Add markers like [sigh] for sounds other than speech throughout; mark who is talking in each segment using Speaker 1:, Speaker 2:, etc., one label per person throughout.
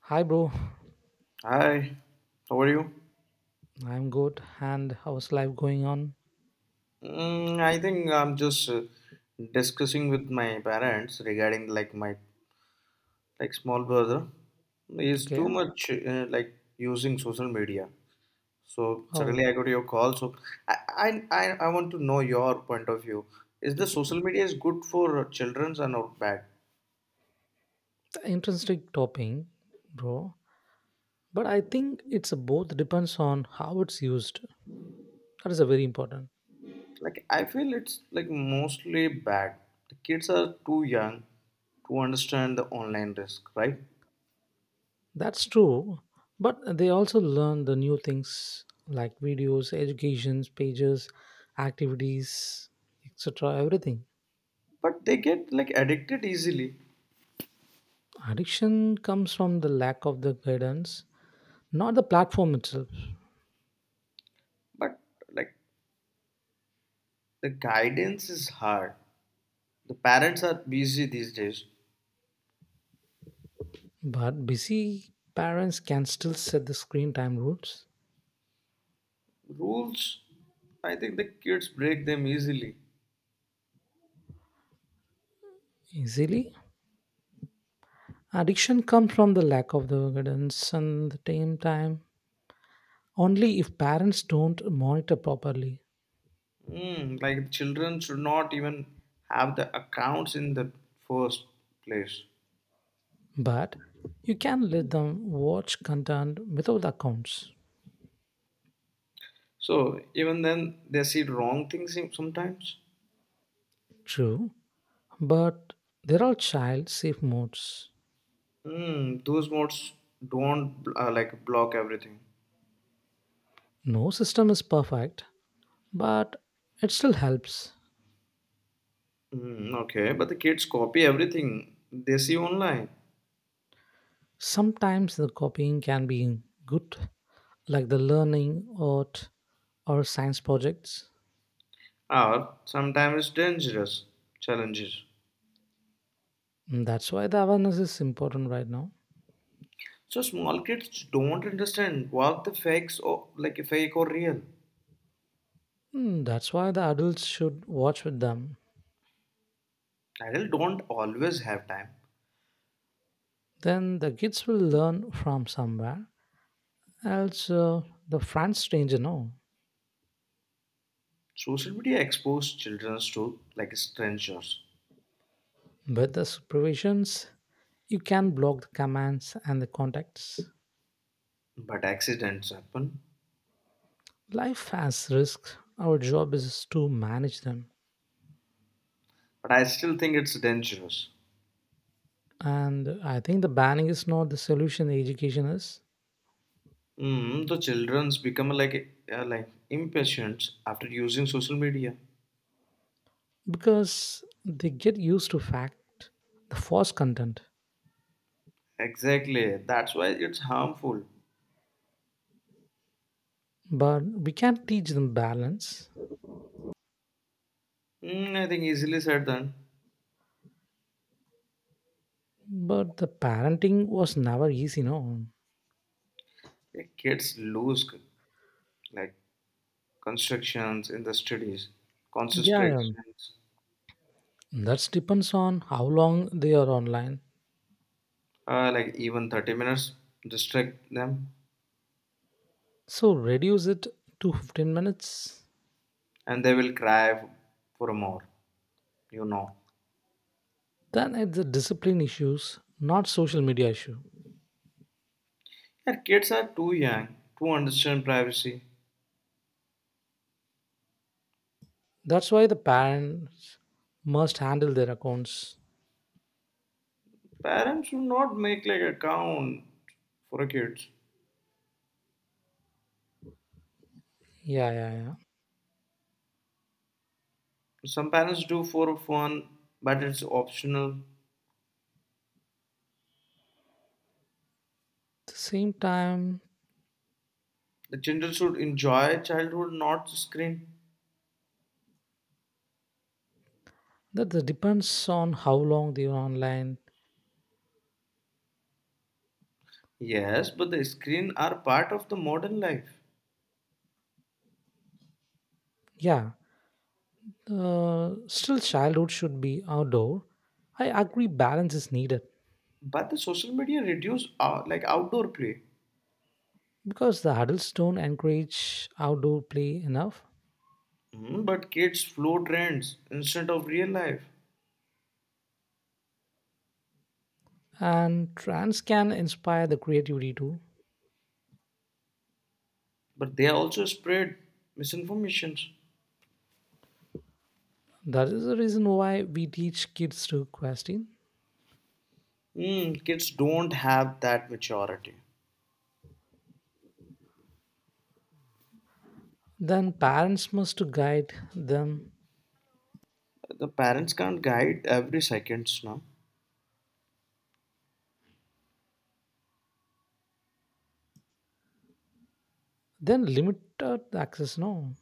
Speaker 1: Hi, bro.
Speaker 2: Hi, how are you?
Speaker 1: I'm good. And how's life going on?
Speaker 2: I think I'm just discussing with my parents regarding like my like small brother. He's
Speaker 1: Okay.
Speaker 2: too much like using social media. So
Speaker 1: Oh,
Speaker 2: suddenly I got your call. So I, I I want to know your point of view. Is the social media is good for childrens or not bad?
Speaker 1: interesting topping, bro. But I think it's a both depends on how it's used. That is a very important.
Speaker 2: Like I feel it's like mostly bad. The kids are too young to understand the online risk, right?
Speaker 1: That's true. But they also learn the new things like videos, educations, pages, activities, etc. Everything.
Speaker 2: But they get like addicted easily
Speaker 1: Addiction comes from the lack of the guidance, not the platform itself.
Speaker 2: but like the guidance is hard, the parents are busy these days
Speaker 1: But busy parents can still set the screen time rules
Speaker 2: rules. I think the kids break them easily.
Speaker 1: easily. Addiction comes from the lack of the guidance and the same time. Only if parents don't monitor properly.
Speaker 2: Like children should not even have the accounts in the first place.
Speaker 1: But you can let them watch content without accounts.
Speaker 2: So even then they see sometimes
Speaker 1: True, but there are child safe modes.
Speaker 2: mm, those modes don't like block everything.
Speaker 1: No system is perfect, but it still helps.
Speaker 2: Mm, okay, but the kids copy everything they see online.
Speaker 1: Sometimes the copying can be good, like the learning, art, or science projects.
Speaker 2: Or sometimes dangerous challenges.
Speaker 1: That's why the awareness is important right now.
Speaker 2: So small kids don't understand what the fakes or like fake or real.
Speaker 1: Hmm, that's why the adults should watch with them.
Speaker 2: Adults don't always have time.
Speaker 1: Then the kids will learn from somewhere else. The friends stranger know.
Speaker 2: Social media expose children to like strangers,
Speaker 1: With the supervisions, you can block the commands and the contacts.
Speaker 2: but accidents happen.
Speaker 1: Life has risks. Our job is to manage them.
Speaker 2: But I still think it's dangerous.
Speaker 1: And I think the banning is not the solution the education is
Speaker 2: The childrens become like impatient after using social media.
Speaker 1: because they get used to fact, the false content.
Speaker 2: Exactly, that's why it's harmful.
Speaker 1: But we can teach them balance.
Speaker 2: I think easily said done.
Speaker 1: But the parenting was never easy, no?
Speaker 2: Yeah, like constructions in the studies,
Speaker 1: Yeah,
Speaker 2: concentrations
Speaker 1: that depends on how long they are online.
Speaker 2: like even 30 minutes distract them
Speaker 1: So reduce it to 15 minutes.
Speaker 2: and they will cry for more, you know
Speaker 1: Then it's a discipline issues, not social media issue.
Speaker 2: and kids are too young to understand privacy.
Speaker 1: That's why the parents must handle their accounts.
Speaker 2: Parents should not make like account for a kids.
Speaker 1: Yeah, yeah, yeah.
Speaker 2: Some parents do for fun but it's optional.
Speaker 1: At the same time,
Speaker 2: The children should enjoy childhood not screen.
Speaker 1: that the depends on how long they are online.
Speaker 2: Yes but the screen are part of the modern life,
Speaker 1: Yeah, still childhood should be outdoor. I agree balance is needed.
Speaker 2: but the social media reduce like outdoor play.
Speaker 1: Because the adults don't encourage outdoor play enough
Speaker 2: Mm, but kids flow trends instead of real life,
Speaker 1: and trends can inspire the creativity too
Speaker 2: but they also spread misinformations.
Speaker 1: that is the reason why we teach kids to question
Speaker 2: Mm, kids don't have that maturity.
Speaker 1: then parents must to guide them
Speaker 2: The parents can't guide every seconds now.
Speaker 1: then limited access no.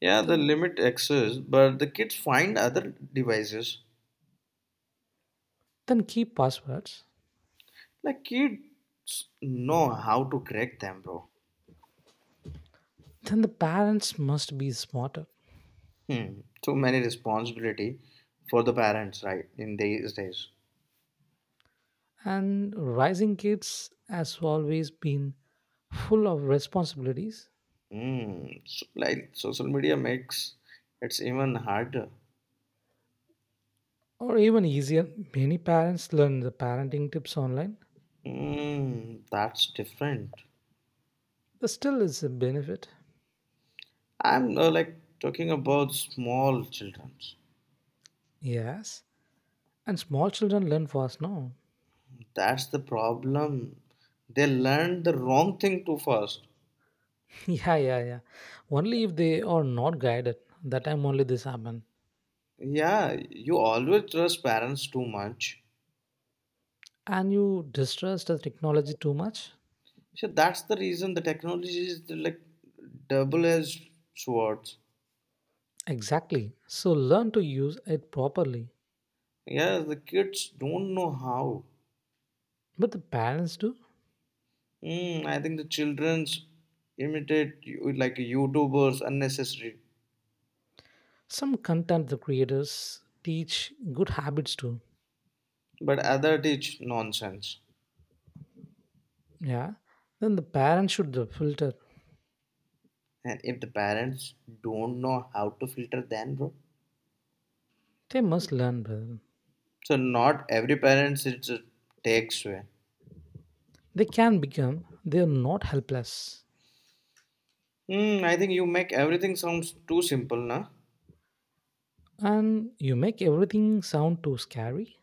Speaker 2: Yeah,
Speaker 1: Th-
Speaker 2: the limit exists, but the kids find other devices.
Speaker 1: then keep passwords
Speaker 2: Like kids know how to correct them, bro.
Speaker 1: then the parents must be smarter
Speaker 2: Hmm. Too many responsibility for the parents, right? In these days.
Speaker 1: and rising kids has always been full of responsibilities
Speaker 2: Like social media makes it's even harder.
Speaker 1: or even easier many parents learn the parenting tips online.
Speaker 2: Mm, that's different.
Speaker 1: But still is a benefit.
Speaker 2: I'm like talking about small children.
Speaker 1: Yes. And small children learn fast, no?
Speaker 2: That's the problem. They learn the wrong thing too fast.
Speaker 1: [laughs] Yeah, yeah, yeah. Only if they are not guided. That time only this happen.
Speaker 2: Yeah, you always trust parents too much.
Speaker 1: And you distrust the technology too much?
Speaker 2: So that's the reason the technology is like double-edged swords.
Speaker 1: Exactly. So learn to use it properly.
Speaker 2: Yeah, the kids don't know how.
Speaker 1: But the parents do.
Speaker 2: I think the childrens imitate like YouTubers unnecessary,
Speaker 1: Some content the creators teach good habits too.
Speaker 2: but other teach nonsense.
Speaker 1: Yeah. Then the parents should the filter.
Speaker 2: And if the parents don't know how to filter, then bro,
Speaker 1: They must learn. Well.
Speaker 2: so not every parents it's a takes away.
Speaker 1: They can become. They are not helpless.
Speaker 2: I think you make everything sounds too simple, na?
Speaker 1: And you make everything sound too scary.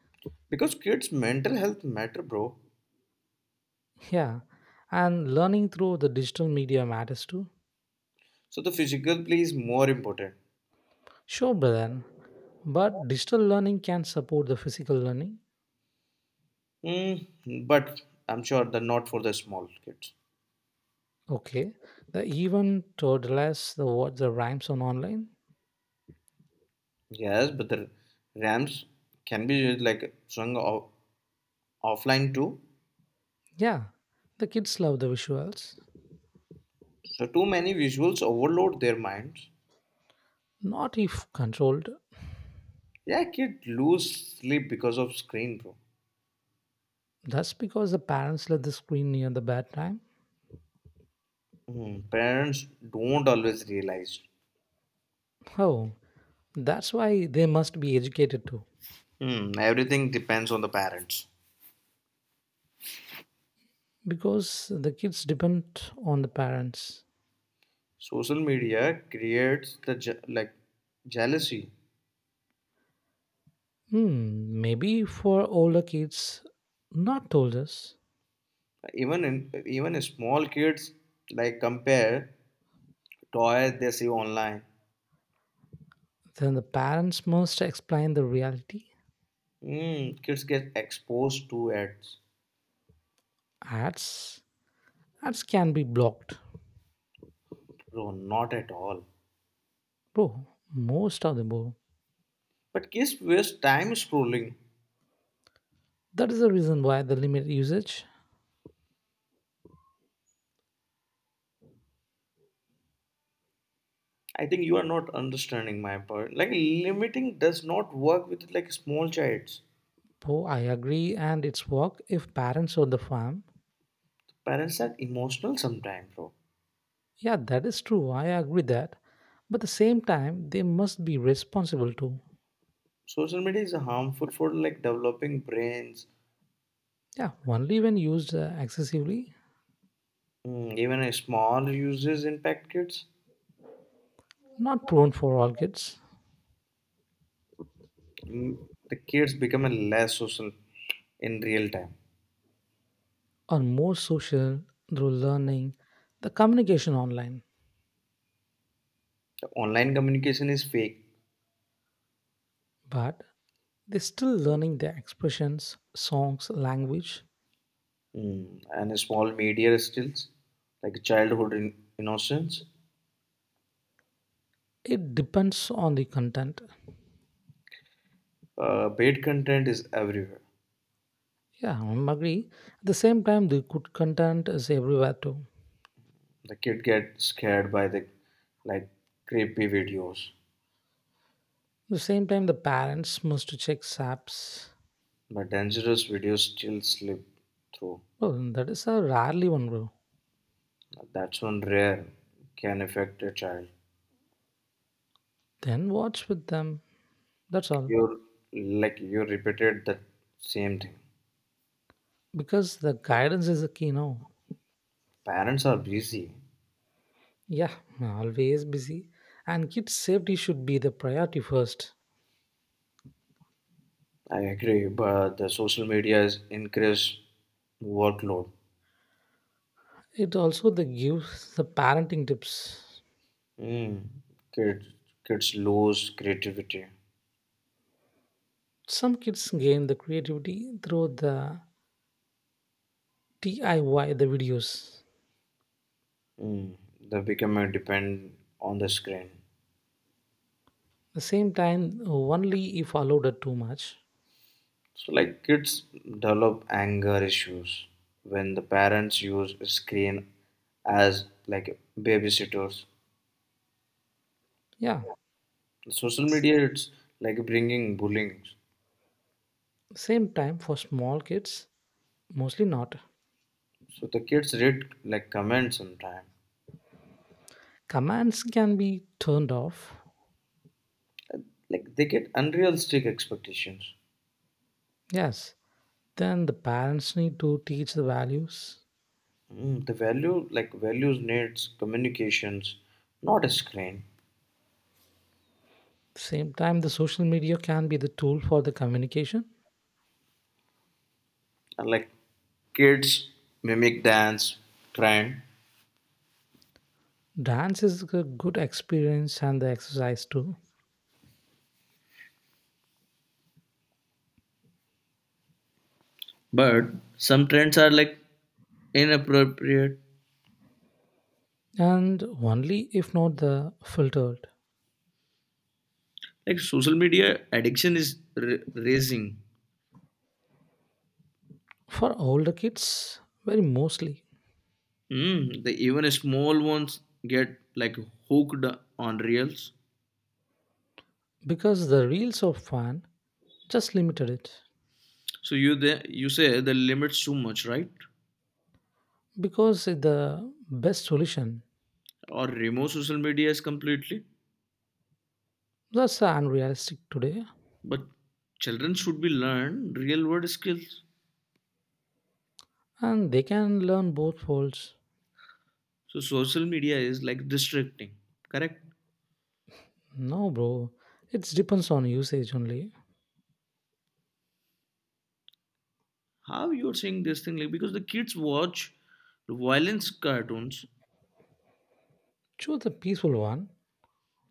Speaker 2: Because kids' mental health matter, bro.
Speaker 1: Yeah, and learning through the digital media matters too.
Speaker 2: So the physical play is more important.
Speaker 1: Sure, Brian, but digital learning can support the physical learning.
Speaker 2: Hmm, but I'm sure the not for the small kids.
Speaker 1: Okay, the even toddlers the what the rhymes on online.
Speaker 2: Yes, but the Rams can be used like sung off- offline too.
Speaker 1: Yeah, the kids love the visuals.
Speaker 2: So too many visuals overload their minds.
Speaker 1: Not if controlled.
Speaker 2: Yeah, kids lose sleep because of screen, bro.
Speaker 1: That's because the parents let the screen near the bedtime.
Speaker 2: Hmm, parents don't always realize.
Speaker 1: Oh, that's why they must be educated too.
Speaker 2: Hmm, everything depends on the parents.
Speaker 1: Because the kids depend on the parents.
Speaker 2: Social media creates the like jealousy.
Speaker 1: Hmm, maybe for older kids, not told us,
Speaker 2: Even small kids like compare toys they see online.
Speaker 1: then the parents must explain the reality.
Speaker 2: Hmm, kids get exposed to ads.
Speaker 1: Ads, ads can be blocked,
Speaker 2: Bro, not at all.
Speaker 1: bro. Most of the bro.
Speaker 2: But kids waste time scrolling.
Speaker 1: That is the reason why the limit usage.
Speaker 2: I think you are not understanding my point. Like limiting does not work with like small childs.
Speaker 1: Bro, I agree, and it's work if parents or the farm.
Speaker 2: Parents are emotional sometimes, bro.
Speaker 1: Yeah, that is true. I agree that, but at the same time, they must be responsible too.
Speaker 2: Social media is harmful for like developing brains.
Speaker 1: Yeah, only when used excessively,
Speaker 2: Even a small uses impact kids.
Speaker 1: not prone for all kids.
Speaker 2: Mm, the kids become a less social in real time.
Speaker 1: Are more social through learning the communication online,
Speaker 2: The online communication is fake,
Speaker 1: but they're still learning their expressions, songs, language.
Speaker 2: and a small media skills like childhood innocence.
Speaker 1: It depends on the content.
Speaker 2: Paid content is everywhere.
Speaker 1: Yeah, I agree. At the same time, the good content is everywhere too.
Speaker 2: The kid get scared by the like creepy videos,
Speaker 1: At the same time, the parents must to check SAPs.
Speaker 2: but dangerous videos still slip through.
Speaker 1: Oh, that is a rarely one bro.
Speaker 2: That's one rare can affect a child.
Speaker 1: Then watch with them. That's all.
Speaker 2: You're Like you repeated the same thing.
Speaker 1: Because the guidance is the key now.
Speaker 2: Parents are busy,
Speaker 1: Yeah, always busy. And kids' safety should be the priority first.
Speaker 2: I agree, but the social media is increased workload.
Speaker 1: It also the gives the parenting tips.
Speaker 2: Mm. Kids, Kids lose creativity.
Speaker 1: Some kids gain the creativity through the DIY the videos.
Speaker 2: Mm. They become a depend on the screen.
Speaker 1: The same time only if allowed it too much.
Speaker 2: So like kids develop anger issues when the parents use screen as like babysitters.
Speaker 1: Yeah,
Speaker 2: Social media it's like bringing bullying.
Speaker 1: same time for small kids mostly not.
Speaker 2: So the kids read like comments sometime.
Speaker 1: Commands can be turned off.
Speaker 2: Like they get unrealistic expectations.
Speaker 1: Yes. Then the parents need to teach the values.
Speaker 2: The values needs communications not a screen,
Speaker 1: Same time the social media can be the tool for the communication.
Speaker 2: and like kids mimic dance trend
Speaker 1: Dance is a good experience and the exercise too.
Speaker 2: but some trends are like inappropriate,
Speaker 1: And only if not the filtered.
Speaker 2: like social media addiction is raising.
Speaker 1: For older kids, very mostly
Speaker 2: The even small ones get like hooked on reels,
Speaker 1: because the reels of fan just limited it
Speaker 2: so you say the limits too much right,
Speaker 1: because it the best solution
Speaker 2: or remove social medias completely,
Speaker 1: that's unrealistic today
Speaker 2: but children should be learn real world skills.
Speaker 1: and they can learn both folds.
Speaker 2: So social media is like distracting, correct?
Speaker 1: No bro, it depends on usage only.
Speaker 2: How you're saying this thing like because the kids watch violence cartoons,
Speaker 1: Choose the peaceful one.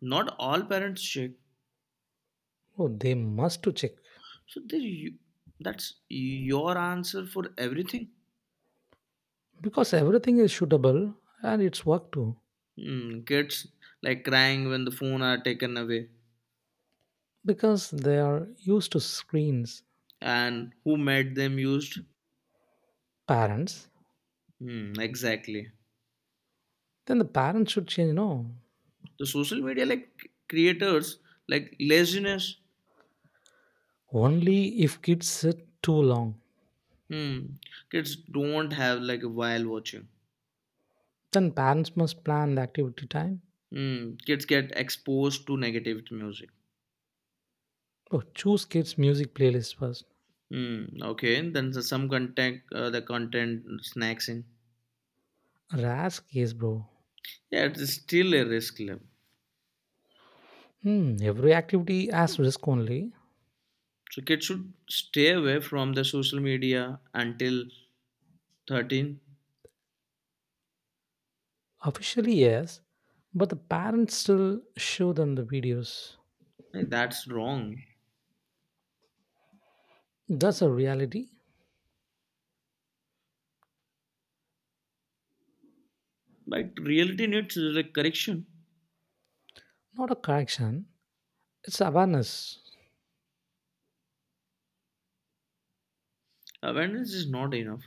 Speaker 2: not all parents check.
Speaker 1: Oh, they must to check
Speaker 2: So they, you, that's your answer for everything.
Speaker 1: because everything is shootable and it's work too
Speaker 2: Hmm, kids like crying when the phone are taken away,
Speaker 1: because they are used to screens
Speaker 2: and who made them used?
Speaker 1: parents
Speaker 2: Hmm, exactly.
Speaker 1: then the parents should change no.
Speaker 2: The social media like creators like laziness.
Speaker 1: Only if kids sit too long.
Speaker 2: Hmm, kids don't have like a while watching.
Speaker 1: Then parents must plan the activity time.
Speaker 2: Mm, kids get exposed to negative music.
Speaker 1: Bro, choose kids' music playlist first.
Speaker 2: Mm, okay, some content, the content snacks in.
Speaker 1: Rask yes, bro.
Speaker 2: Yeah, it's still a risk level.
Speaker 1: Hmm, every activity has risk only.
Speaker 2: So kids should stay away from the social media until 13.
Speaker 1: Officially, yes, but the parents still show them the videos.
Speaker 2: Hey, that's wrong.
Speaker 1: That's a reality,
Speaker 2: But reality needs like correction.
Speaker 1: not a correction. It's awareness.
Speaker 2: Awareness is not enough.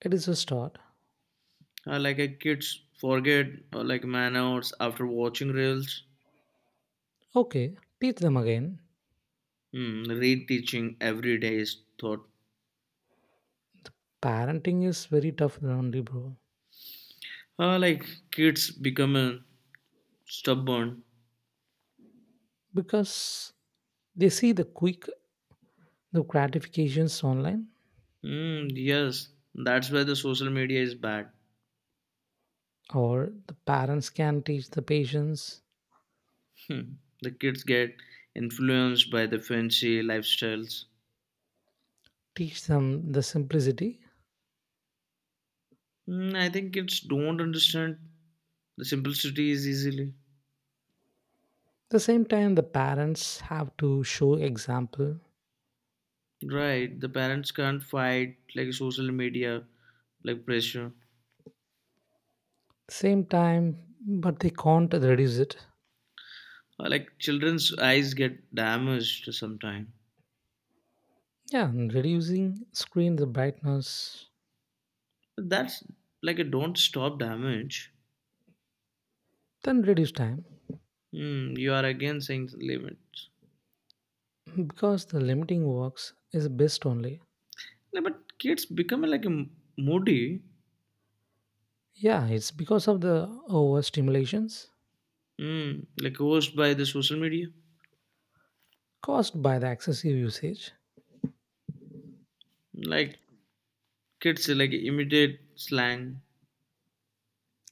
Speaker 1: It is a start.
Speaker 2: Kids forget like manners after watching reels.
Speaker 1: Okay, teach them again.
Speaker 2: Mm, reteaching every day is thought.
Speaker 1: Parenting is very tough only, bro,
Speaker 2: Like kids become stubborn.
Speaker 1: because they see the quick the gratifications online
Speaker 2: Mm, yes, that's why the social media is bad.
Speaker 1: or the parents can teach the patients
Speaker 2: Hmm. The kids get influenced by the fancy lifestyles.
Speaker 1: teach them the simplicity
Speaker 2: I think kids don't understand the simplicities easily.
Speaker 1: the same time the parents have to show example
Speaker 2: Right, the parents can't fight like social media, like pressure.
Speaker 1: same time but they can't reduce it
Speaker 2: Or like children's eyes get damaged sometime.
Speaker 1: yeah and reducing screen the brightness
Speaker 2: But that's like a don't stop damage.
Speaker 1: then reduce time
Speaker 2: You are again saying limits.
Speaker 1: because the limiting works is best only
Speaker 2: Yeah, but kids become like a moody.
Speaker 1: yeah it's because of the overstimulations
Speaker 2: Like caused by the social media,
Speaker 1: caused by the excessive usage
Speaker 2: like kids like imitate slang.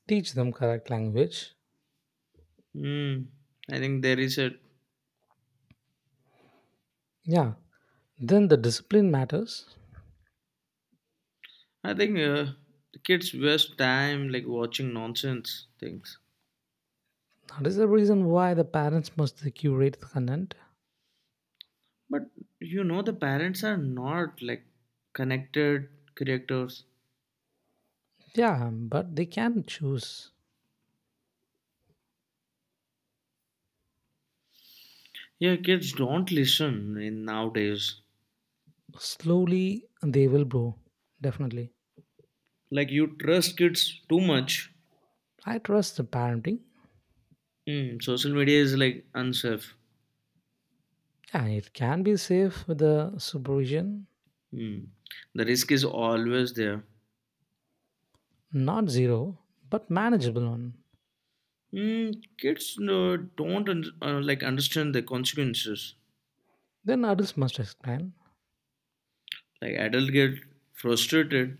Speaker 1: teach them correct language
Speaker 2: Mm, I think there is a.
Speaker 1: yeah then the discipline matters.
Speaker 2: I think the kids waste time like watching nonsense things.
Speaker 1: That is the reason why the parents must curate the content.
Speaker 2: But you know the parents are not like connected creators.
Speaker 1: Yeah, but they can choose.
Speaker 2: Yeah, kids don't listen in nowadays.
Speaker 1: Slowly, they will grow. Definitely.
Speaker 2: Like you trust kids too much.
Speaker 1: I trust the parenting.
Speaker 2: Mm, social media is like unsafe.
Speaker 1: Yeah, it can be safe with the supervision.
Speaker 2: Mm. The risk is always there.
Speaker 1: Not zero, but manageable one.
Speaker 2: Mm, kids don't un- like understand the consequences.
Speaker 1: Then adults must explain.
Speaker 2: Like adult get frustrated.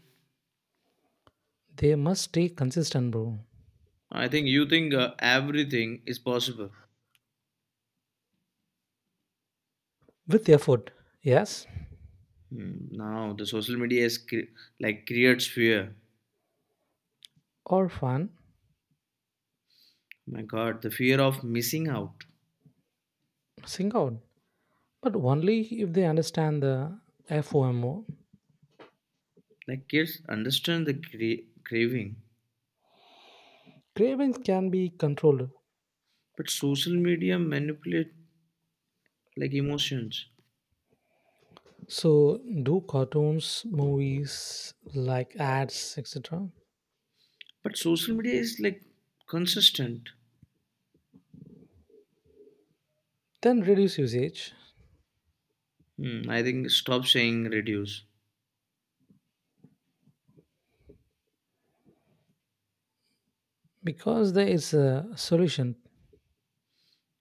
Speaker 1: They must stay consistent, bro.
Speaker 2: I think you think everything is possible.
Speaker 1: With effort, yes,
Speaker 2: Now the social media is like creates fear.
Speaker 1: or fun,
Speaker 2: My God, the fear of missing out.
Speaker 1: sing out. But only if they understand the FOMO.
Speaker 2: Like kids understand the craving,
Speaker 1: Cravings can be controlled.
Speaker 2: but social media manipulate like emotions.
Speaker 1: So, do cartoons, movies, like ads, etc.,
Speaker 2: But social media is like consistent.
Speaker 1: then reduce usage
Speaker 2: I think stop saying reduce.
Speaker 1: because there is a solution.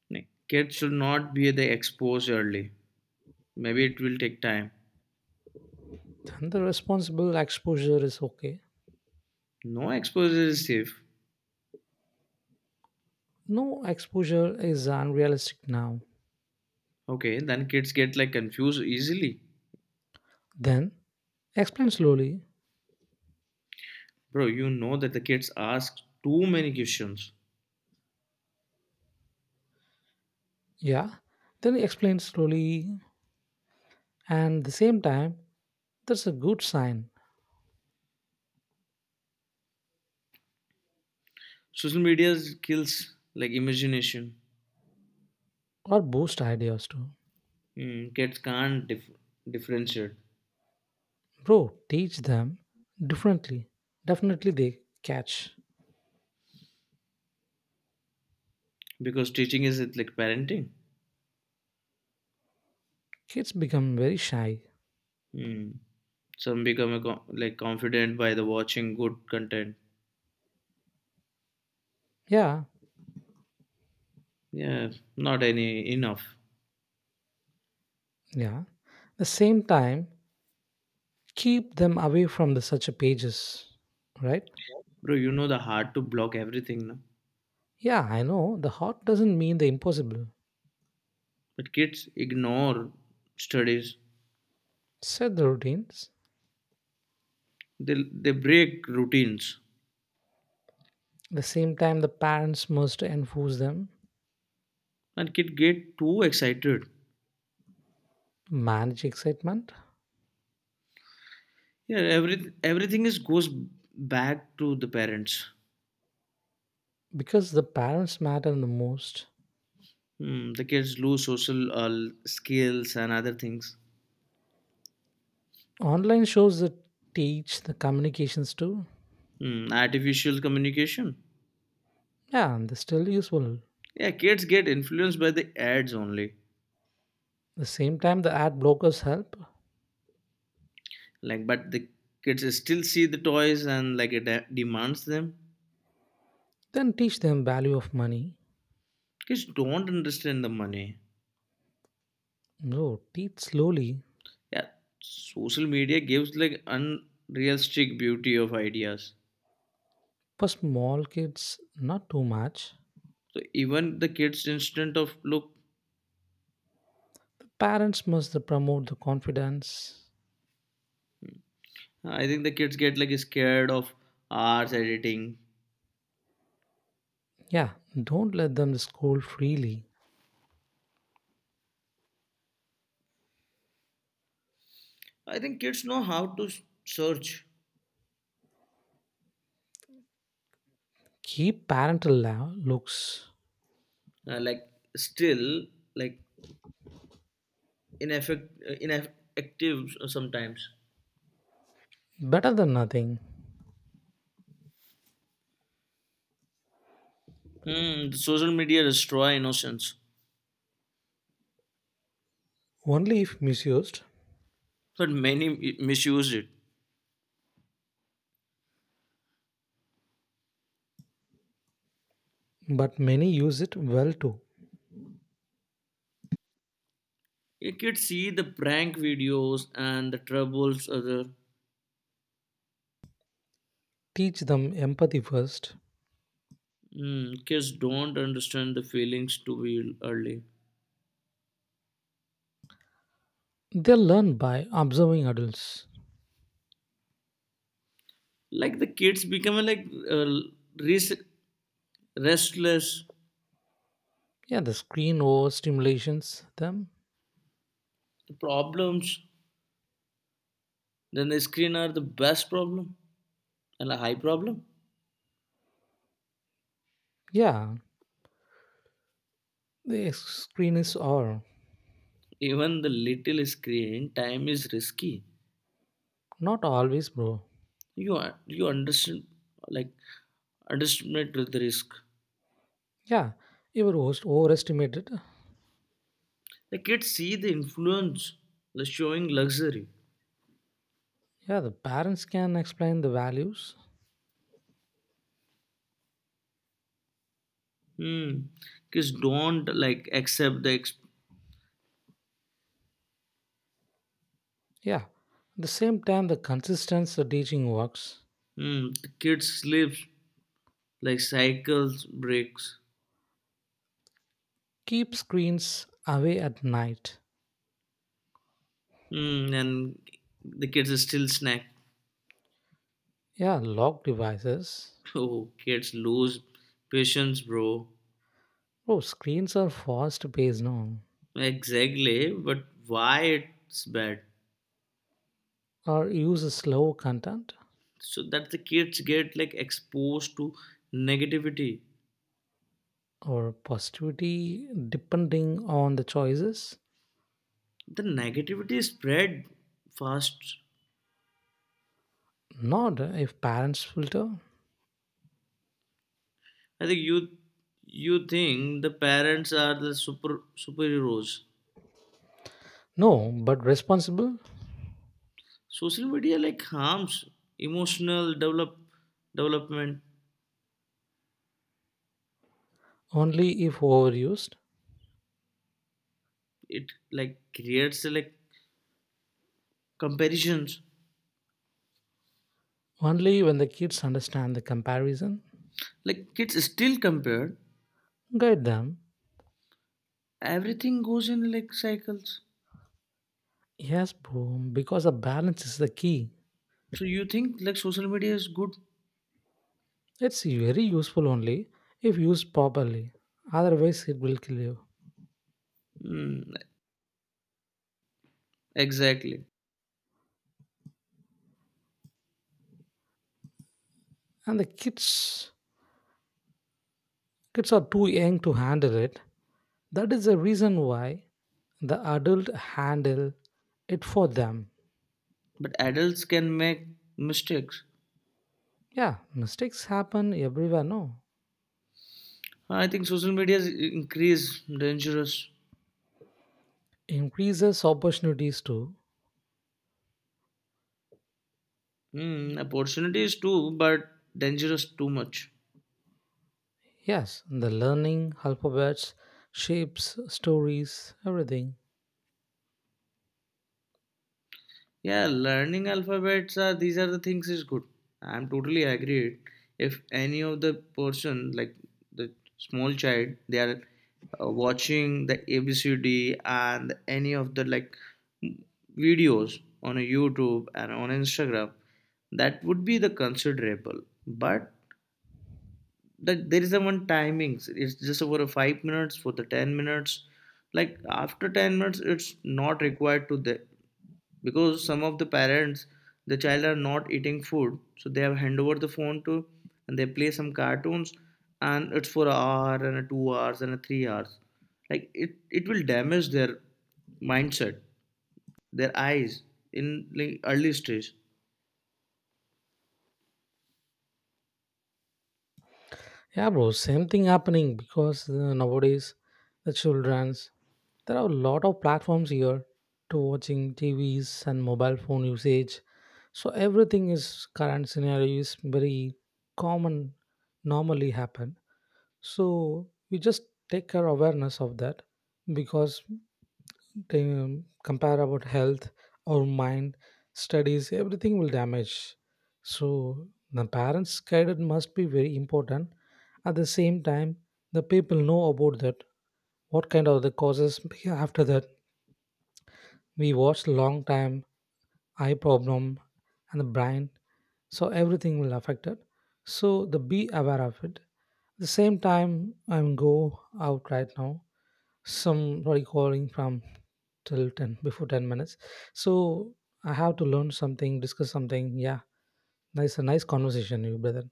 Speaker 2: Like, kids should not be the exposed early. Maybe it will take time.
Speaker 1: And the responsible exposure is okay.
Speaker 2: No exposure is safe.
Speaker 1: No exposure is unrealistic now.
Speaker 2: Okay, then kids get like confused easily.
Speaker 1: Then explain slowly.
Speaker 2: Bro, you know that the kids ask too many questions.
Speaker 1: Yeah. Then explain slowly. And the same time, that's a good sign
Speaker 2: Social media kills like imagination.
Speaker 1: or boost ideas too.
Speaker 2: Hmm, kids can't differentiate
Speaker 1: Bro, teach them differently. Definitely they catch.
Speaker 2: because teaching is it like parenting.
Speaker 1: Kids become very shy.
Speaker 2: Hmm. Some become a like confident by the watching good content.
Speaker 1: Yeah.
Speaker 2: Yeah, not any enough.
Speaker 1: Yeah. The same time, keep them away from the such pages, right?
Speaker 2: Bro, you know the hard to block everything, no?
Speaker 1: Yeah, I know the hot doesn't mean the impossible.
Speaker 2: But kids ignore studies,
Speaker 1: Set the routines.
Speaker 2: they they break routines
Speaker 1: The same time, the parents must enforce them.
Speaker 2: and kid get too excited.
Speaker 1: Manage excitement
Speaker 2: Everything is goes back to the parents.
Speaker 1: because the parents matter the most.
Speaker 2: Hmm, the kids lose social skills and other things.
Speaker 1: Online shows that teach the communications too.
Speaker 2: Hmm, artificial communication.
Speaker 1: Yeah, and they're still useful.
Speaker 2: Yeah kids get influenced by the ads only,
Speaker 1: The same time, the ad blockers help.
Speaker 2: like but the kids still see the toys and like it demands them.
Speaker 1: Then teach them value of money.
Speaker 2: Kids don't understand the money.
Speaker 1: No, teach slowly
Speaker 2: Yeah, social media gives like unrealistic beauty of ideas.
Speaker 1: for small kids, not too much.
Speaker 2: So even the kids instant of look,
Speaker 1: Parents must promote the confidence.
Speaker 2: I think the kids get like scared of arts editing.
Speaker 1: Yeah, don't let them scold freely.
Speaker 2: I think kids know how to search,
Speaker 1: Keep parental looks
Speaker 2: like still like ineffective sometimes.
Speaker 1: better than nothing.
Speaker 2: Hmm, social media destroy innocence,
Speaker 1: Only if misused,
Speaker 2: but many misuse it.
Speaker 1: but many use it well too.
Speaker 2: You kids see the prank videos and the troubles other.
Speaker 1: Teach them empathy first.
Speaker 2: Hmm, kids don't understand the feelings too early.
Speaker 1: They learn by observing adults.
Speaker 2: Like the kids become like res- restless,
Speaker 1: Yeah, the screen overstimulations them.
Speaker 2: problems, then the screen are the best problem and a high problem.
Speaker 1: Yeah, the screen is all.
Speaker 2: Even the little screen time is risky.
Speaker 1: Not always, bro.
Speaker 2: You you understand like underestimate the risk.
Speaker 1: Yeah, you were overestimated.
Speaker 2: The kids see the influence, the showing luxury.
Speaker 1: Yeah, the parents can explain the values.
Speaker 2: Hmm. Kids don't like accept
Speaker 1: Yeah. At the same time, the consistent teaching works.
Speaker 2: hmm. The kids sleeps like cycles breaks.
Speaker 1: Keep screens away at night.
Speaker 2: Hmm. And the kids are still snack.
Speaker 1: Yeah, lock devices.
Speaker 2: [laughs] Oh, kids lose patience, bro.
Speaker 1: Oh, screens are fast based now.
Speaker 2: Exactly, but why it's bad?
Speaker 1: Or use slow content
Speaker 2: So that the kids get like exposed to negativity.
Speaker 1: or positivity depending on the choices.
Speaker 2: The negativity spread fast.
Speaker 1: Not if parents filter.
Speaker 2: I think you think the parents are the superheroes.
Speaker 1: No, but responsible.
Speaker 2: Social media like harms emotional development.
Speaker 1: Only if overused.
Speaker 2: It like creates like comparisons.
Speaker 1: Only when the kids understand the comparison.
Speaker 2: Like kids still compare.
Speaker 1: Guide them.
Speaker 2: Everything goes in like cycles.
Speaker 1: Yes, boom, because a balance is the key.
Speaker 2: So you think like social media is good?
Speaker 1: It's very useful only if used properly. Otherwise, it will kill you.
Speaker 2: Mm, exactly.
Speaker 1: And the kids, are too young to handle it. That is the reason why the adult handle it for them.
Speaker 2: But adults can make mistakes.
Speaker 1: Yeah, mistakes happen everywhere. No,
Speaker 2: I think social media is increase dangerous.
Speaker 1: increases opportunities too.
Speaker 2: Mm, opportunities too, but dangerous too much.
Speaker 1: Yes, the learning alphabets, shapes, stories, everything.
Speaker 2: Yeah, learning alphabets are these are the things is good. I'm totally agreed. If any of the person like the small child, they are watching the ABCD and any of the like videos on a YouTube and on Instagram, that would be the considerable. But that there is a one timings. It's just for a 5 minutes for the 10 minutes. Like after 10 minutes, it's not required to the because some of the parents the child are not eating food so they have hand over the phone to, and they play some cartoons and it's for an hour and a 2 hours and a 3 hours, like it will damage their mindset, their eyes in like early stage.
Speaker 1: Yeah, bro, same thing happening because nowadays the childrens there are a lot of platforms here to watching TVs and mobile phone usage. So everything is current scenario is very common, normally happen. So we just take our awareness of that because compare about health our mind studies everything will damage so the parents guidance must be very important at the same time the people know about that what kind of the causes after that we watched long time, eye problem, and the brain, so everything will affect it. So the be aware of it. The same time, I'm go out right now. Somebody calling from till 10 before 10 minutes. So I have to learn something, discuss something. Yeah, nice a nice conversation, you brother.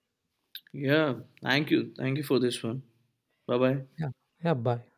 Speaker 2: Yeah, thank you for this one. Bye bye.
Speaker 1: Yeah, yeah. Bye.